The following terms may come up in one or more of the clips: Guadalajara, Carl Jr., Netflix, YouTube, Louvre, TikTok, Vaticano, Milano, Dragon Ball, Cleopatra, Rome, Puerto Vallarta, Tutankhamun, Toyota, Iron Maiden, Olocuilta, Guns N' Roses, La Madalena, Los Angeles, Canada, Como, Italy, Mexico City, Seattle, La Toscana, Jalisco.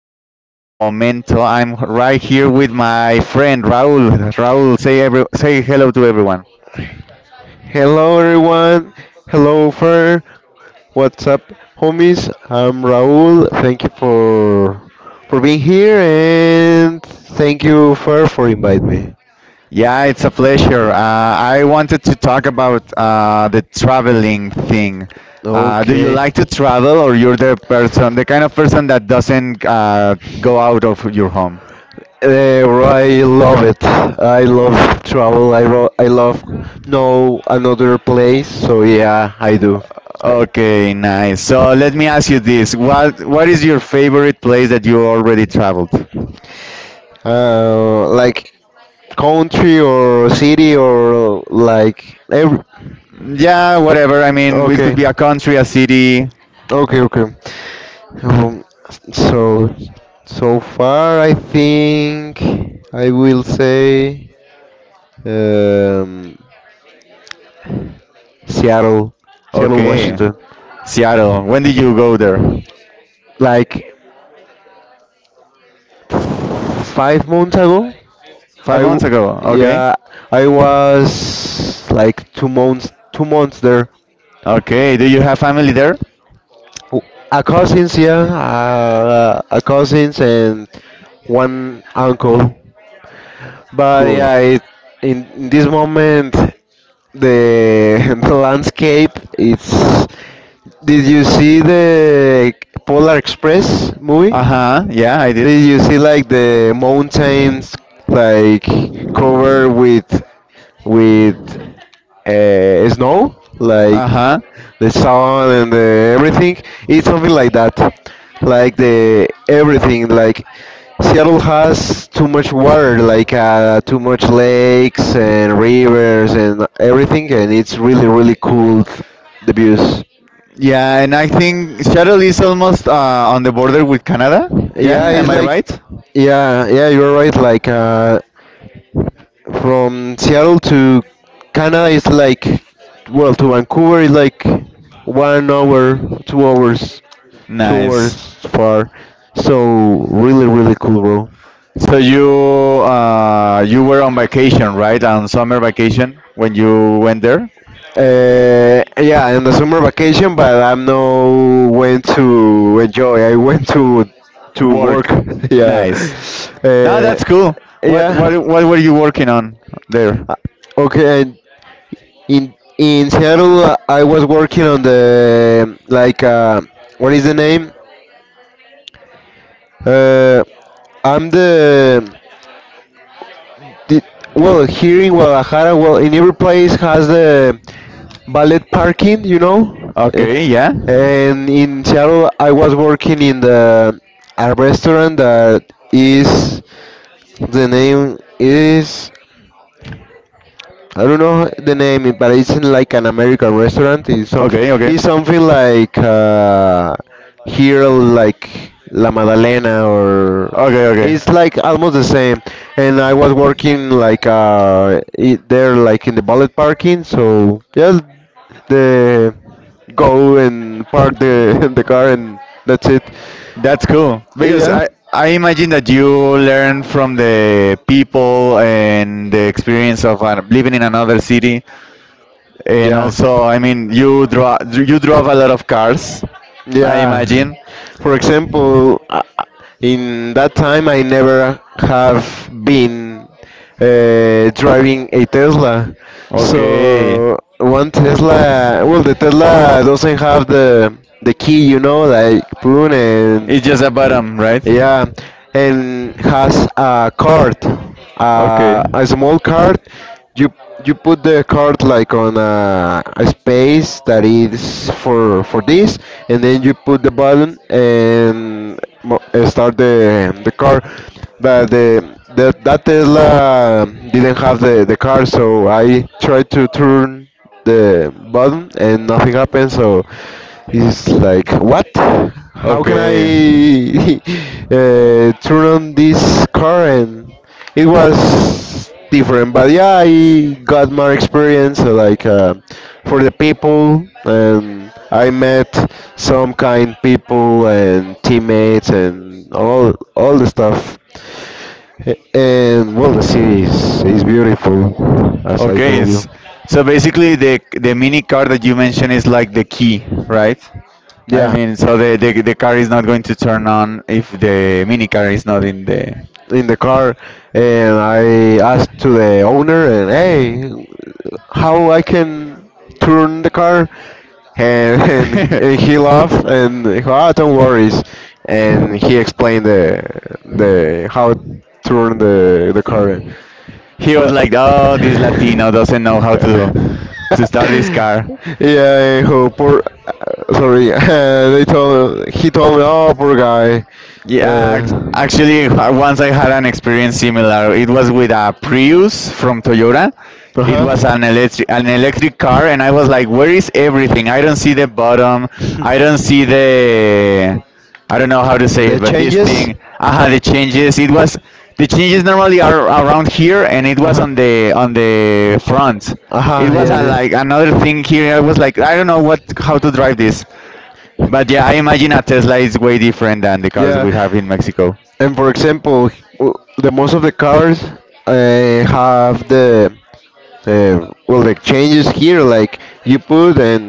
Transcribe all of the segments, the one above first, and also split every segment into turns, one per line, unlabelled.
the podcast del momento. I'm right here with my friend Raul. Raul, say hello to everyone.
Hello everyone. Hello Fer. What's up homies? I'm Raul. Thank you for being here and thank you Fer for inviting me.
Yeah, it's a pleasure. I wanted to talk about the traveling thing. Do you
Okay.
like to travel, or you're the person, the kind of person that doesn't go out of your home?
I love it. I love travel. I love know another place. So yeah, I do. I-
Okay, nice. So let me ask you this: what is your favorite place that you already traveled?
Like country or city or like every.
Yeah, whatever. I mean, it could
Okay,
be a country, a city.
okay, okay. Um, so, so far, I think I will say um, Seattle, Seattle,
Okay.
Washington.
Seattle. When did you go there?
Like 5 months ago, I
Five
w-
months ago. Okay.
yeah, I was like two months there.
Okay. Do you have family there?
W- yeah, a cousins and one uncle. But
Cool.
yeah, it, in this moment, the the landscape it's. Did you see the Polar Express movie?
Uh huh. Yeah, I did.
Did you see like the mountains like covered with snow,
Uh
like
huh.
the sun and the everything. It's something like that, like the everything. Like Seattle has too much water, like too much lakes and rivers and everything, and it's really really cool. The views.
Yeah, and I think Seattle is almost on the border with Canada.
Yeah,
Yeah,
it's
am I
like,
right?
yeah, yeah. You're right. Like from Seattle to Canada, it's like, well, to Vancouver is like 1 hour, 2 hours.
Nice.
Towards far. So really, really cool, bro.
So you you were on vacation, right? On summer vacation when you went there.
Yeah, in the summer vacation, but I'm no went to enjoy. I went to work.
Work.
Yeah,
Nice. No, uh,
uh,
that's cool. What what
yeah.
what were you working on there?
Uh, Okay, and in Seattle, I was working on the, like, what is the name? Uh, I'm the. Did, well, here in Guadalajara, well, in every place has the valet parking.
Okay, yeah.
And in Seattle, I was working in the a restaurant that is the name is I don't know the name, but it's in like an American restaurant. It's something.
Okay, okay.
It's something like, here, like La Madalena, or
Okay, okay.
it's like almost the same. And I was working like, it, there, like in the bullet parking. So yeah, the go and park the the car, and that's it.
That's cool because
Yeah,
I imagine that you learn from the people and the experience of living in another city, and
yeah.
also I mean you draw you drove a lot of cars, I yeah,
Yeah.
imagine.
For example, in that time I never have been, driving a Tesla.
So okay.
So one Tesla, well, the Tesla doesn't have the key, like, boom, and
It's just a
yeah.
bottom, right?
Yeah, and has a card, a small card. You you put the card like on a space that is for this, and then you put the button and start the car. But the that Tesla didn't have the car, so I tried to turn the button and nothing happened. So it's like, what? How can I
Okay.
turn on this car and? It was different, but yeah, I got more experience, like, for the people, and I met some kind people and teammates and all the stuff. And well, the city is beautiful, as I
Okay,
told you.
so basically the mini car that you mentioned is like the key, right? I
Yeah,
mean, so the the car is not going to turn on if the mini car is not in the.
in the car. And I asked to the owner, and hey, how I can turn the car and, and he laughed and he go, ah, don't worry, and he explained the how turn the car,
He was
but
like, "Oh, this Latino doesn't know how to start this car."
yeah, oh, poor, sorry. they told He told me, oh, poor guy.
Yeah,
uh,
actually, once I had an experience similar. It was with a Prius from Toyota. It
Uh-huh.
was an electric car, and I was like, "Where is everything? I don't see the bottom. I don't see the. I don't know how to say
The
it, but this
changes?
thing. Aha, the changes. It was the changes normally are around here, and it was
Uh-huh.
on the front. It
Uh-huh,
was
yes,
a, like another thing here. I was like, I don't know what how to
yes.
drive this. But yeah, I imagine a Tesla is way different than the cars
Yeah.
we have in Mexico.
And for example, the most of the cars, uh, have the. Well, the changes here, like, you put and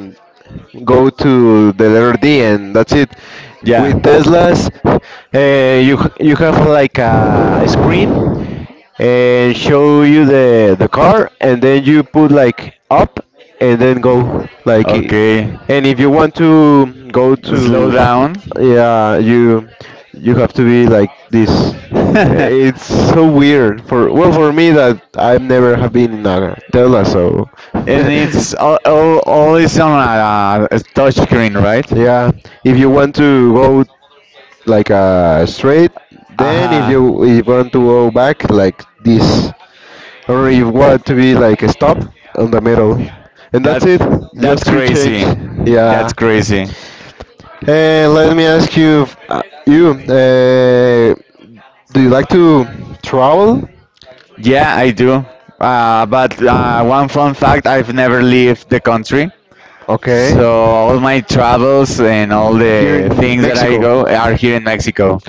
go to the letter D, and that's it.
Yeah.
With Teslas, you have like a screen and show you the car, and then you put like up and then go like it.
Okay.
And if you want to go
Slow
to,
down.
yeah, you have to be like this.
And
It's so weird for, well, for me that I've never have been in a Tesla. So
it's all is on a touch screen, right?
yeah, if you want to go like, straight, then,
Aha.
if you want to go back, like this. Or if want to be like a stop on the middle. And that's
That's
it.
that's
Just three change.
crazy. That's
Yeah.
crazy.
And let me ask you, do you like to travel?
Yeah, I do. But one fun fact: I've never left the country,
Okay.
so all my travels and all
Here
the
in
things that I
Mexico.
go are here in Mexico.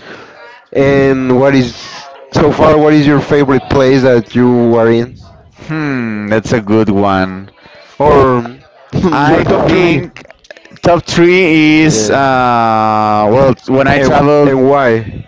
And what is so far? What is your favorite place that you are in,
Hmm, that's a good one.
or
I
your top three?
think top three is
Yeah.
well, when I
And
traveled
and why?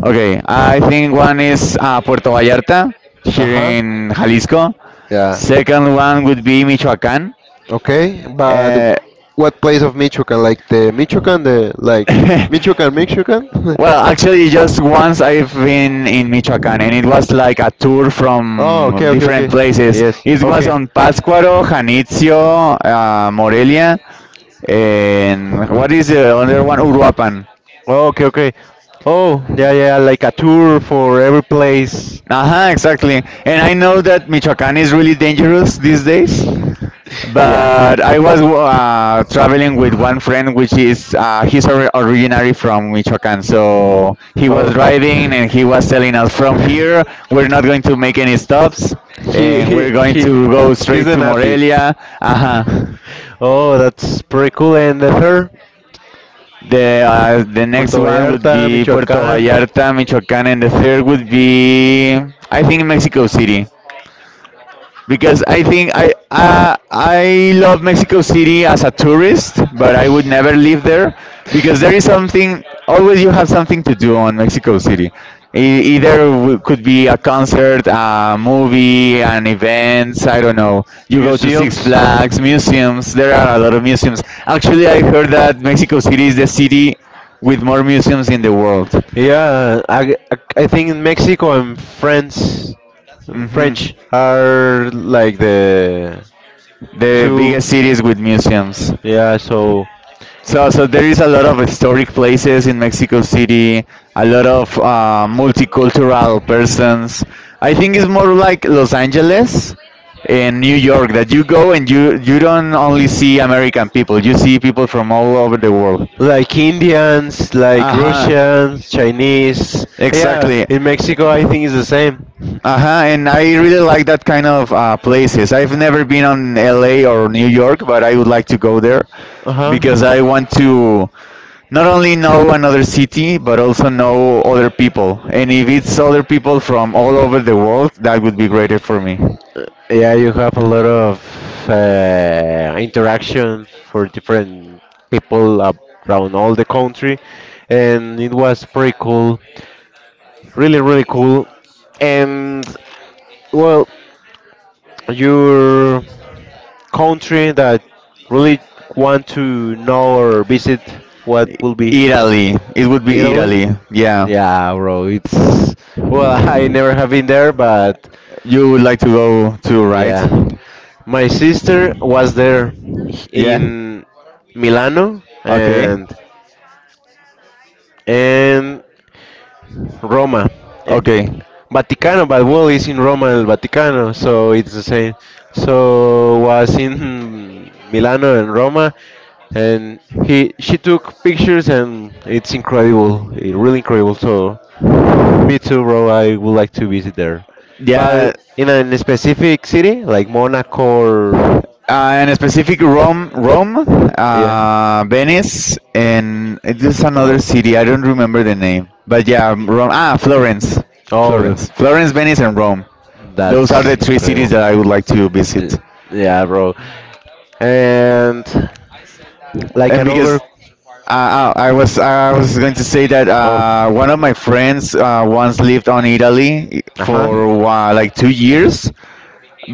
okay, I think one is Puerto Vallarta
Uh
here
huh.
in Jalisco.
Yeah.
Second one would be Michoacán.
Okay, but
Uh,
what place of Michoacan? Like the Michoacan, the, like, Michoacan, Michoacan.
well, actually, just once I've been in Michoacán, and it was like a tour
Oh,
from
okay, okay,
different
okay.
places.
Yes,
It was
okay.
on Pátzcuaro, Janitzio, Morelia, and what is the other one? Uruapan.
Oh, okay, okay. Oh, yeah, yeah, like a tour for every place.
Uh-huh, exactly. And I know that Michoacan is really dangerous these days,
Yeah.
but I was traveling with one friend, which is he's originally from Michoacan. So he was
Oh.
driving and he was telling us, from here, we're not going to make any stops
he
and
he
we're going
he
to go
he's
straight
a
to
native.
Morelia. Uh-huh.
Oh, that's pretty cool. And the third,
The next
Puerto
one would
Vallarta,
be Puerto
Michoacán.
Vallarta, Michoacan, and the third would be, I think, Mexico City. Because I think I love Mexico City as a tourist, but I would never live there because there is something always you have something to do on Mexico City. Either could be a concert, a movie, an event. I don't know. You go to Six
Museums.
Flags, museums. There are a lot of museums. Actually, I heard that Mexico City is the city with more museums in the world. Yeah,
Yeah, I think in Mexico and France,
hmm
French are like the
the
two.
biggest cities with museums.
Yeah, so,
So, so there is a lot of historic places in Mexico City, a lot of multicultural persons. I think it's more like Los Angeles and New York that you go and you don't only see American people, you see people from all over the world.
like, Indians,
Uh
like
huh.
Russians, Chinese. Yeah,
Exactly.
in Mexico, I think it's the same.
Uh huh. And I really like that kind of places. I've never been on LA or New York, but I would like to go there
Uh huh.
because I want to not only know another city, but also know other people. And if it's other people from all over the world, that would be greater for me.
Yeah, you have a lot of, interaction for different people around all the country, and it was pretty cool, really, really cool. And well, you're country that really want to know or visit, what will be?
Italy. It would be
Italy?
Italy. Yeah.
Yeah, bro, it's, well, I never have been there, but
You would like to go to right?
yeah, my sister was there
Yeah.
in Milano
Okay.
and Roma. Eh,
Okay.
Vaticano, but well, it's in Roma and Vaticano, so it's the same. So was in Milano and Roma, and he she took pictures, and it's incredible, really incredible. So, me too, bro. I would like to visit there,
Yeah.
but in a specific city, like Monaco, or,
And specific Rome,
yeah.
Venice, and it is another
Oh,
city. I don't remember the name. But yeah, Rome. Ah, Florence.
oh,
Florence, Venice, and Rome. Those are
that's
the three cities
incredible.
that I would like to visit.
L- Yeah, bro. And like
And
an
because
over.
I was going to say that
Oh.
one of my friends once lived on Italy
Uh huh.
for like 2 years,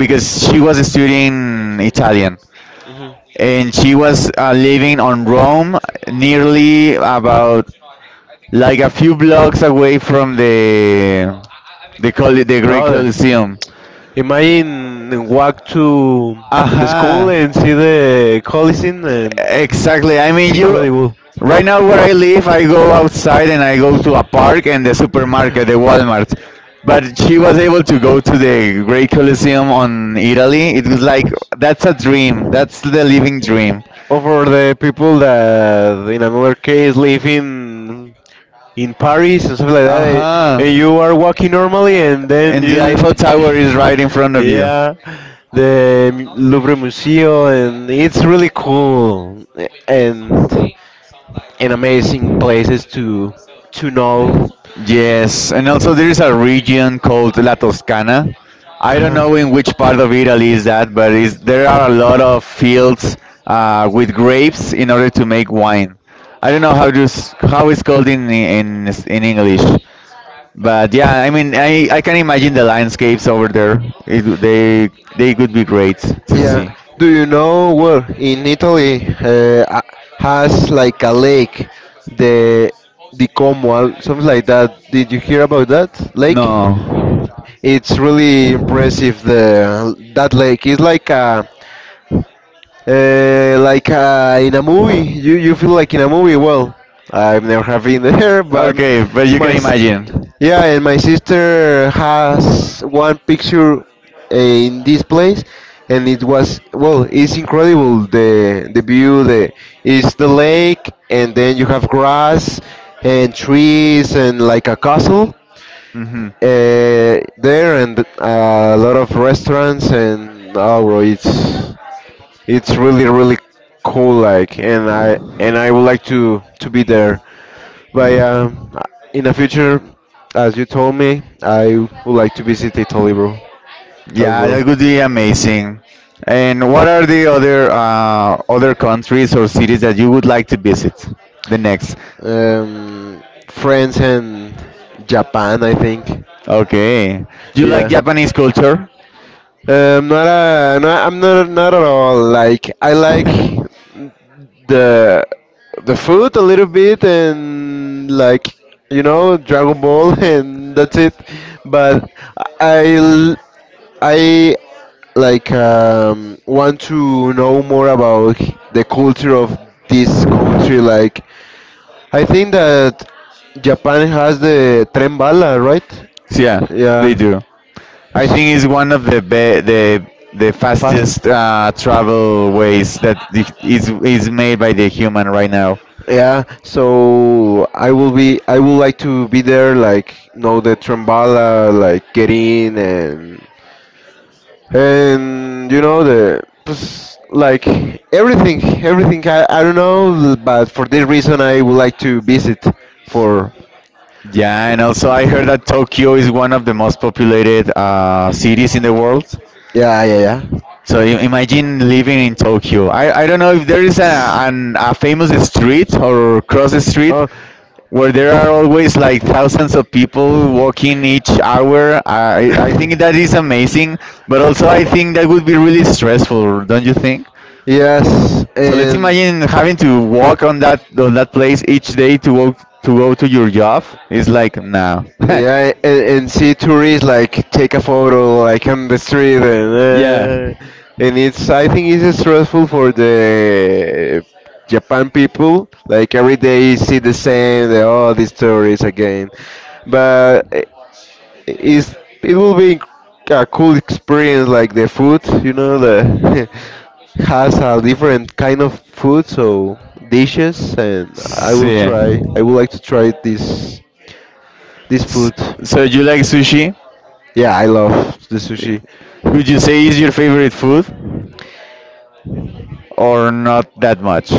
because she was studying Italian
Mhm.
and she was living on Rome, nearly about like a few blocks away from the the Great
Oh,
Colosseum.
imagine walk to the school
Aha.
and see the Coliseum, and
Exactly. I
it's
mean, you.
incredible.
Right now, where I live, I go outside and I go to a park and the supermarket, the Walmart. But she was able to go to the Great Colosseum on Italy. It was like that's a dream. That's the living dream.
Or for the people that, in another case, live in Paris and stuff like
Uh
that,
huh.
and you are walking normally, and then
And the
you,
Eiffel Tower is right in front of you.
yeah, Louvre Museum, and it's really cool, and amazing places to know.
Yes, and also there is a region called La Toscana. I don't
Uh-huh.
know in which part of Italy is that, but is there are a lot of fields with grapes in order to make wine. I don't know how to how it's called in in English, but yeah, I mean I can imagine the landscapes over there. They could be great to
Yeah.
see.
Do you know where in Italy, has like a lake, the the Como, something like that? Did you hear about that lake?
No.
It's really impressive. The That lake is like a, like a, in a movie. You feel like in a movie. Well, I've never have been there, but
Okay, but you
my.
can imagine.
Yeah, and my sister has one picture, in this place, and it was, well, it's incredible, the view. The It's the lake, and then you have grass and trees and like a castle,
Hmm,
uh, there, and a lot of restaurants. And oh, bro, it's really really cool. Like, and I would like to be there. But yeah, in the future, as you told me, I would like to visit Italy, bro, as
yeah,
well.
that would be amazing. And what are the other other countries or cities that you would like to visit? The next.
Um, France and Japan, I think.
Okay. Do you like
Yeah.
Japanese culture?
Not a, no, I'm not at all. Like, I like the the food a little bit and, like, you know Dragon Ball, and that's it. But I I like, want to know more about, the culture of this country. Like, I think that Japan has the tren bala, right?
Yeah, they
Yeah,
do. I
S-
think it's one of the
fast.
fastest travel ways that is made by the human right now.
Yeah, so I will be. I would like to be there, like, know the tren bala, like, get in, and you know, the, like, everything. I don't know, but for this reason I would like to visit for.
Yeah, and also I heard that Tokyo is one of the most populated cities in the world.
Yeah, yeah, yeah.
So imagine living in Tokyo. I don't know if there is
It's-
a famous street or cross street
oh.
where there are always like thousands of people walking each hour. I think that is amazing, but also I think that would be really stressful, don't you think?
Yes,
So let's
and
imagine having to walk on that place each day to walk, to go to your job. It's like no.
yeah, and see tourists like take a photo, like, on the street. And
Yeah.
uh, and it's I think it's stressful for the Japan people. Like every day you see the same, all these tourists again. But it's, it will be a cool experience, like, the food, the has a different kind of food. So, dishes, and I will
See. S-
try. I would like to try this food.
So you like sushi?
Yeah, I love the sushi.
Would you say it's your favorite food or not that much?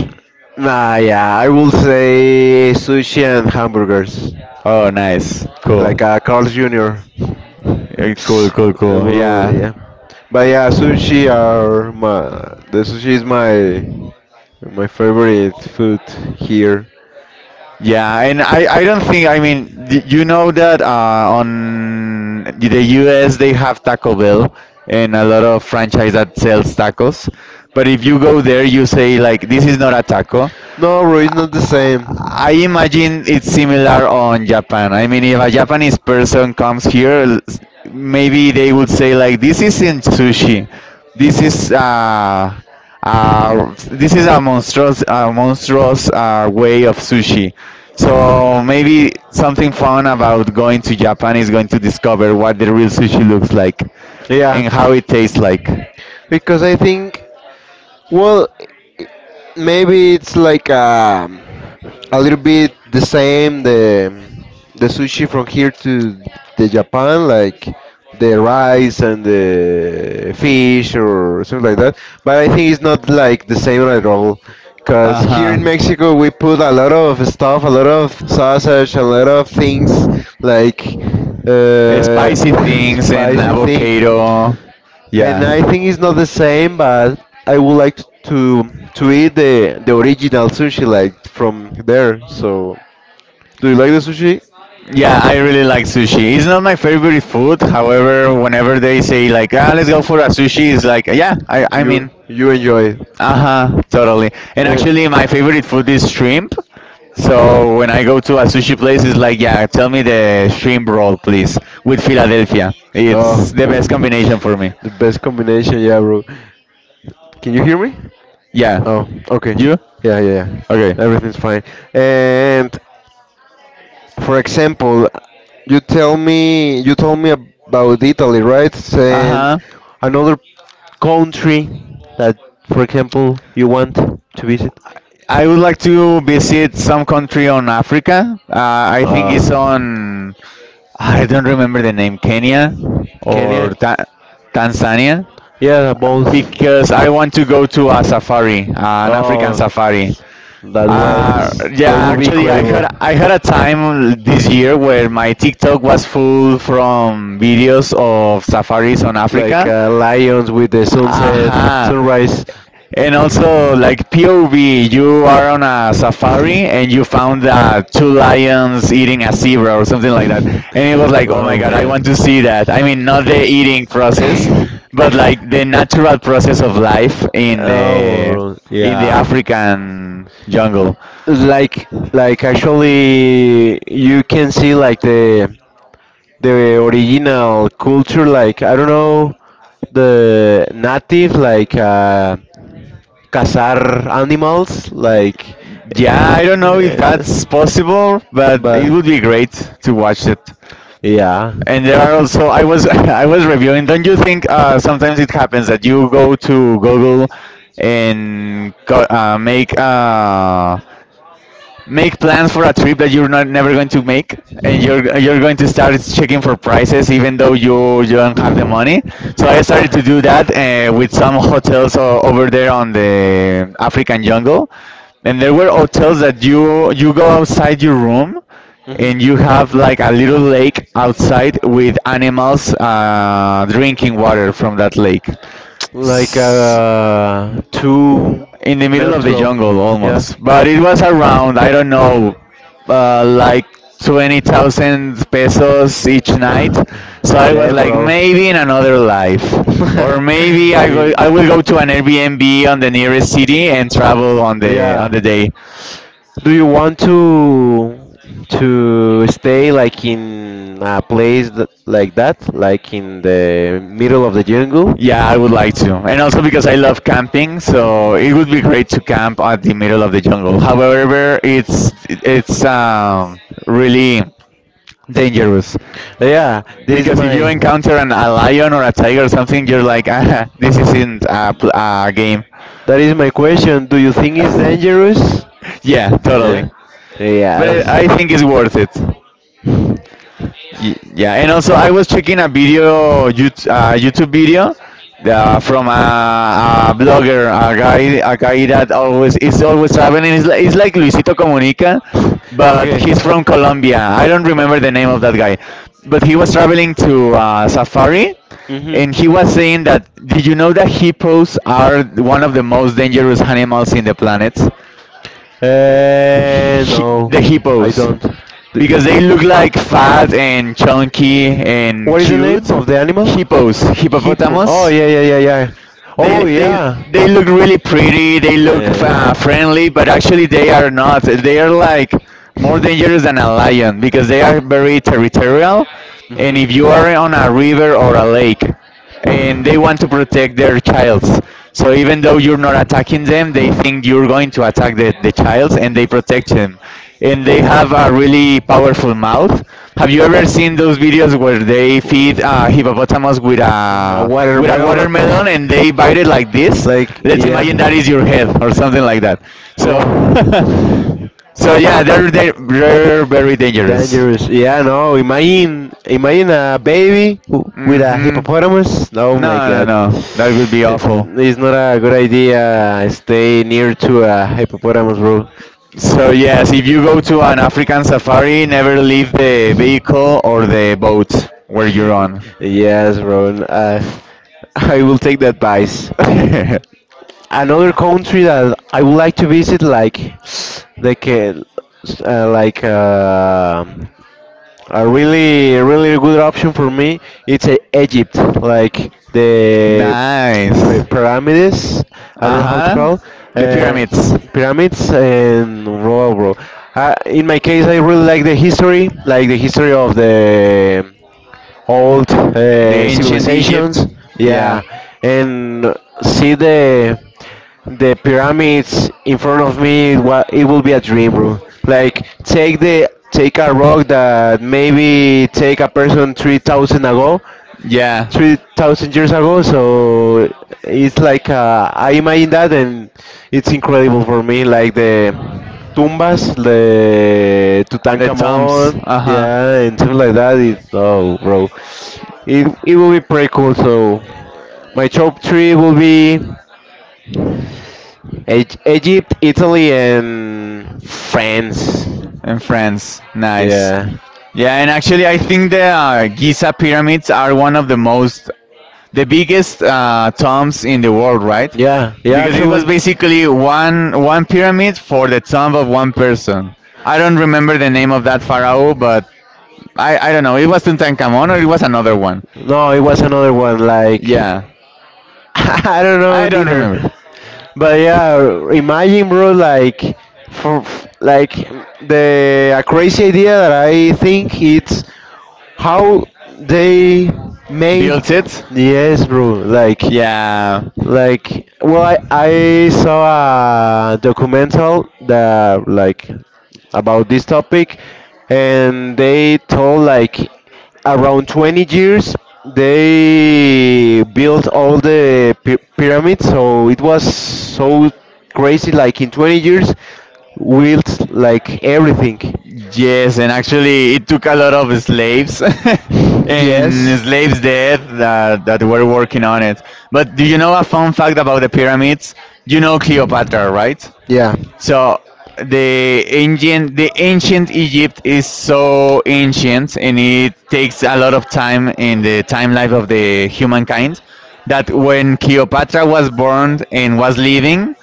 Nah, yeah, I will say sushi and hamburgers,
Oh, nice. Cool.
like, Carl Jr.
Eh, cool, cool, cool.
Well,
Yeah.
yeah, but yeah, sushi are my the sushi is my favorite food here.
Yeah, and I don't think, I mean, you know that on the US they have Taco Bell and a lot of franchise that sells tacos. But if you go there, you say, like, this is not a taco.
No, bro, it's not the same.
I imagine it's similar on Japan. I mean, if a Japanese person comes here, maybe they would say like, "This isn't sushi. This is uh, this is a monstrous way of sushi." So maybe something fun about going to Japan is going to discover what the real sushi looks like
Yeah,
and how it tastes like.
because I think, well, i- maybe it's like, a little bit the same, the sushi from here to the Japan, like the rice and the fish or something like that. But I think it's not like the same at all,
Uh
because
uh,
here in
huh.
Mexico we put a lot of stuff, a lot of sausage, a lot of things, like, uh,
Spicy things and
spicy thing.
avocado.
And
Yeah.
I think it's not the same, but I would like to to eat the original sushi, like, from there. So, do you like the sushi?
Yeah, I really like sushi. It's not my favorite food. However, whenever they say like, ah, let's go for a sushi, it's like, yeah, I'm
You
in.
you enjoy it.
Uh-huh, totally. And
Eh,
actually, my favorite food is shrimp. So when I go to a sushi place, it's like, yeah, tell me the shrimp roll, please, with Philadelphia.
Oh,
It's the best combination for me.
the best combination, yeah, bro. Can you hear me?
Yeah.
Oh, okay.
You?
Yeah, yeah, yeah.
Okay.
Everything's fine. And, for example, you told me about Italy, right? And
Uh-huh.
another country that, for example, you want to visit.
I would like to visit some country on Africa. I think it's
Uh,
on I don't remember the name Kenya or
Kenya.
Tanzania
Yeah, both.
because I want to go to a safari, an African
Oh,
safari.
that
Yeah,
would be
actually,
incredible.
I had a time this year where my TikTok was full from videos of safaris on
Like,
Africa.
lions with the sunset,
Aha.
sunrise.
And
Yeah.
also, like POV, you are on a safari and you found two lions eating a zebra or something like that. And it was like, oh my
Oh
god, I
man.
want to see that. I mean, not the eating process, but like the natural process of life
Oh bro,
in the
yeah.
African jungle.
Like actually, you can see like the original culture, like I don't know, the native cazar animals like
Yeah, I don't know if
uh,
that's possible, but it
but
would be great to watch it.
yeah.
And there are also I was I was reviewing. Don't you think sometimes it happens that you go to Google and go, make make plans for a trip that you're not never going to make, and you're going to start checking for prices even though you don't have the money. So I started to do that with some hotels over there on the African jungle. And there were hotels that you go outside your room
Mhm.
and you have like a little lake outside with animals drinking water from that lake
Like too
in the middle of the
natural.
jungle
Yeah.
almost. But it was around, I don't know, like 20,000 pesos each night. So I was
Damn,
like,
bro.
maybe in another life, or
I mean,
I will go to an Airbnb on the nearest city and travel on the on
yeah.
the day.
Do you want to stay like in a place th like that, like in the middle of the jungle?
Yeah, I would like to, and also because I love camping, so it would be great to camp at the middle of the jungle. However, it's really dangerous.
Yeah, this is
Because if
my.
you encounter a lion or a tiger or something, you're like, ah, this isn't a game.
That is my question. Do you think it's dangerous?
Yeah,
Yeah.
totally. But
Yes.
I think it's worth it. Yeah, and also I was checking a video, YouTube video from a blogger, a guy that always is always traveling. It's like Luisito Comunica, but
Okay.
he's from Colombia. I don't remember the name of that guy, but he was traveling to safari,
Mhm.
and he was saying that, did you know that hippos are one of the most dangerous animals in the planet? Hi-
No,
the
I
hippos,
don't. The-
because they look like fat and chunky and
What is the
cute.
name of the animal?
Hippos,
Hippo. Oh
hippopotamus.
yeah, yeah, yeah, yeah.
They
Oh
they
yeah.
they look really pretty. They look
Uh,
friendly, but actually they are not. They are like more dangerous than a lion because they are very territorial. And if you are on a river or a lake, and they want to protect their childs. So even though you're not attacking them, they
Mhm.
think you're going to attack the child and they protect them. And they have a really powerful mouth. Have you ever seen those videos where they feed hippopotamus with
A
a with a
watermelon.
watermelon and they bite it like this?
like,
Let's
yeah.
imagine that is your head or something like that. So,
Bro.
so yeah, they're very dangerous.
Dangerous. Yeah, no. Imagine, imagine a baby with a
Hmm.
hippopotamus. Oh
No,
my
no,
god.
no, that would be
It,
awful.
it's not a good idea. Stay near to a hippopotamus, bro.
So yes, if you go to an African safari, never leave the vehicle or the boat where you're on.
Yes, Ron. I will take the advice. Another country that I would like to visit, like like, ca- uh, like uh, a really good option for me, it's Egypt. Like the
Nice.
pyramids. I don't
Uh
know how to
huh.
call
The
uh,
pyramids.
pyramids and bro. In my case, I really like the history of the old
The ancient
civilizations.
Egypt. Yeah.
Yeah, and see the pyramids in front of me. It, it will be a dream, bro. Like take a rock that maybe take a person 3,000 ago,
Yeah.
3,000 years ago. So it's like I imagine that, and it's incredible for me. Like the tumbas, the
The tombs.
Tutankhamun,
Uh huh.
yeah, and something like that. It's oh, bro, it will be pretty cool. So my top three will be Egypt, Italy, and France.
And France, nice.
Yeah.
Yeah, and actually, I think the Giza pyramids are one of the biggest tombs in the world, right?
Yeah, yeah,
Because it was
actually.
basically one pyramid for the tomb of one person. I don't remember the name of that pharaoh, but I don't know. It was Tutankhamun or it was another one.
No, it was another one. Like
Yeah,
I don't know
I don't
neither.
remember.
But yeah, imagine, bro, like for like the a crazy idea that I think it's how they made. Yes, bro.
Yeah.
Like, well, I saw a documental that like about this topic, and they told like around 20 years they built all the pyramids. So it was so crazy. Like in 20 years, built like everything.
Yes, and actually, it took a lot of slaves and
Yes.
slaves there that were working on it. But do you know a fun fact about the pyramids? You know Cleopatra, right?
Yeah.
So the ancient Egypt is so ancient, and it takes a lot of time in the time life of the humankind. That when Cleopatra was born and was living,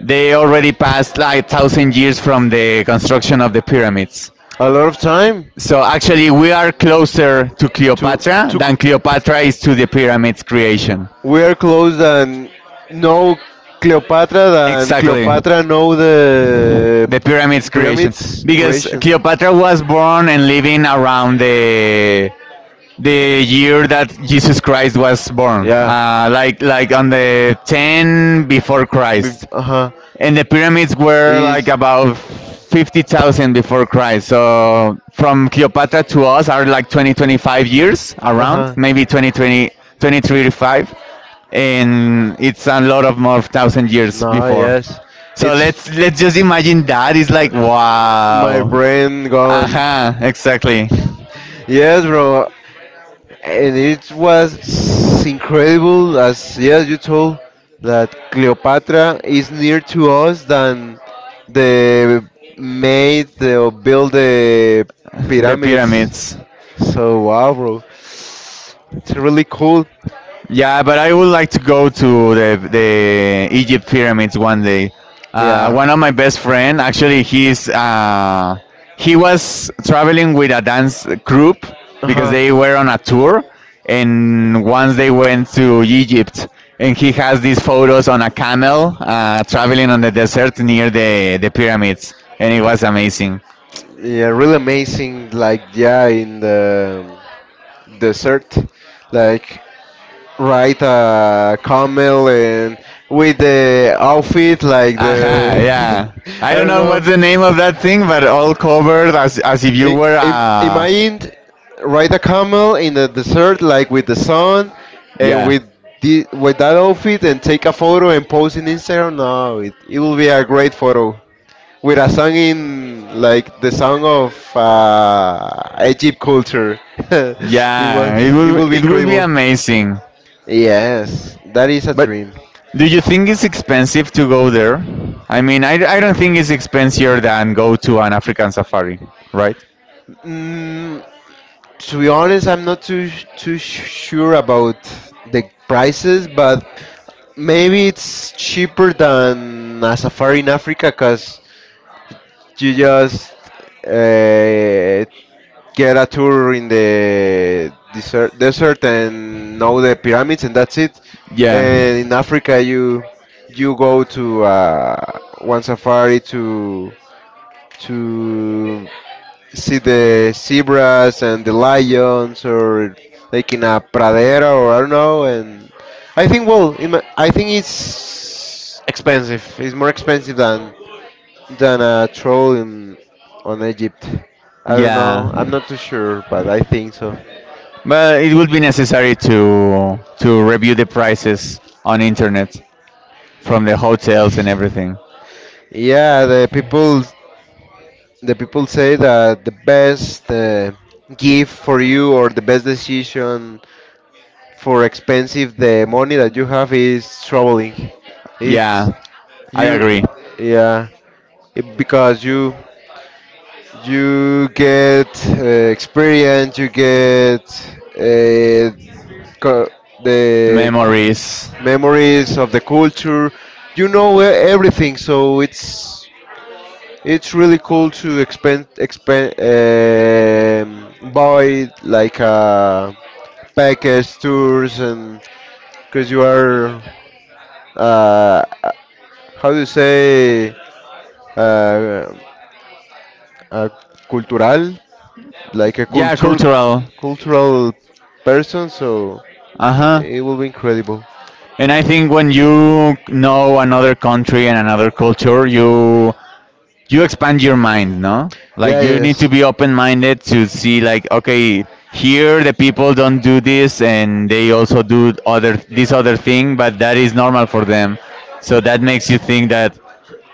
they already passed like 1,000 years from the construction of the pyramids.
A lot of time.
So actually, we are closer to
To,
Cleopatra
to,
than Cleopatra is to the pyramids creation.
we're close than know Cleopatra than
Exactly.
Cleopatra know the
The pyramids creation,
pyramids
because
creation.
Cleopatra was born and living around the year that Jesus Christ was born.
Yeah.
Yeah. Like on the 10 before Christ,
Uh-huh.
and the pyramids were like
Is
about 50,000 before Christ. So from Cleopatra to us are like 20, 25 years around,
uh-huh.
maybe 20, 20, 23 to 5. And it's a lot of more 1,000 years
No,
before.
yes.
So let's just imagine that is like
My
wow.
brain gone.
Aha, exactly.
Yes, bro. And it was incredible as yes, you told that Cleopatra is near to us than the made or build the
The
pyramids.
pyramids.
So wow, bro. It's really cool.
Yeah, but I would like to go to the Egypt pyramids one day. Uh,
Yeah.
one of my best friend, actually, he was traveling with a dance group
Uh
because
huh.
they were on a tour, and once they went to Egypt, and he has these photos on a camel traveling on the desert near the pyramids, and it was amazing.
Yeah, really amazing. Like yeah, in the desert, like right camel and with the outfit like the
Aha, yeah. I
I
don't
don't
know what's
know,
the name of that thing, but all covered as if you
I,
were
imagine ride a camel in the desert like with the sun and
yeah.
with the, with that outfit and take a photo and post in Instagram, no it, it will be a great photo with a song in like the song of Egypt culture. It
Yeah,
was it will be
it would be
incredible.
amazing.
Yes, that is a
But
dream.
do you think it's expensive to go there? I mean, I don't think it's expensive than go to an African safari, right?
Mm, to be honest, I'm not too sure about the prices, but maybe it's cheaper than a safari in Africa, cause you just uh, get a tour in the desert and know the pyramids, and that's it.
Yeah.
And in Africa, you go to one safari to see the zebras and the lions or like in a pradera or I don't know, and I think well in my, I think it's expensive, it's more expensive than a troll in on Egypt. I don't
Yeah.
know, I'm not too sure, but I think so.
But it would be necessary to review the prices on internet from the hotels and everything.
Yeah, the people say that the best gift for you or the best decision for expensive the money that you have is traveling. It's
Yeah, I
You,
agree.
yeah, it- because you get experience, you get uh, co- the cu-
Memories.
memories of the culture. You know e- everything, so it's really cool to expend buy like package tours and because you are uh, uh, how do you say uh, uh, cultural, like a
Yeah,
cultural
cultural.
cultural person, so
Uh huh.
it will be incredible.
And I think when you know another country and another culture, you expand your mind, no,
Yeah,
like
yeah,
you need to
yes.
be open minded to see, like, okay, here the people don't do this and they also do other this other thing, but that is normal for them. So that makes you think that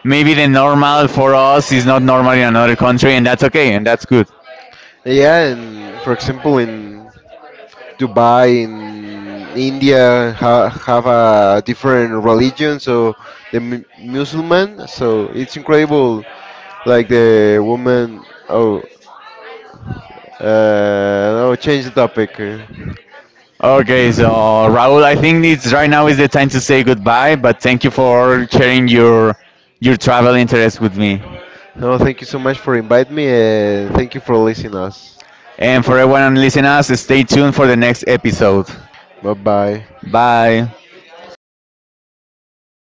maybe the normal for us is not normal in another country, and that's okay and that's good.
Yeah, and for example, in Dubai in India have a different religion, so the Muslim. So it's incredible, like the woman. Oh, no, change the topic.
Okay, so Raul, I think it's right now is the time to say goodbye, but thank you for sharing your travel interest with me.
No, thank you so much for inviting me, and thank you for listening us.
And for everyone listening us, stay tuned for the next episode.
Bye bye.
Bye.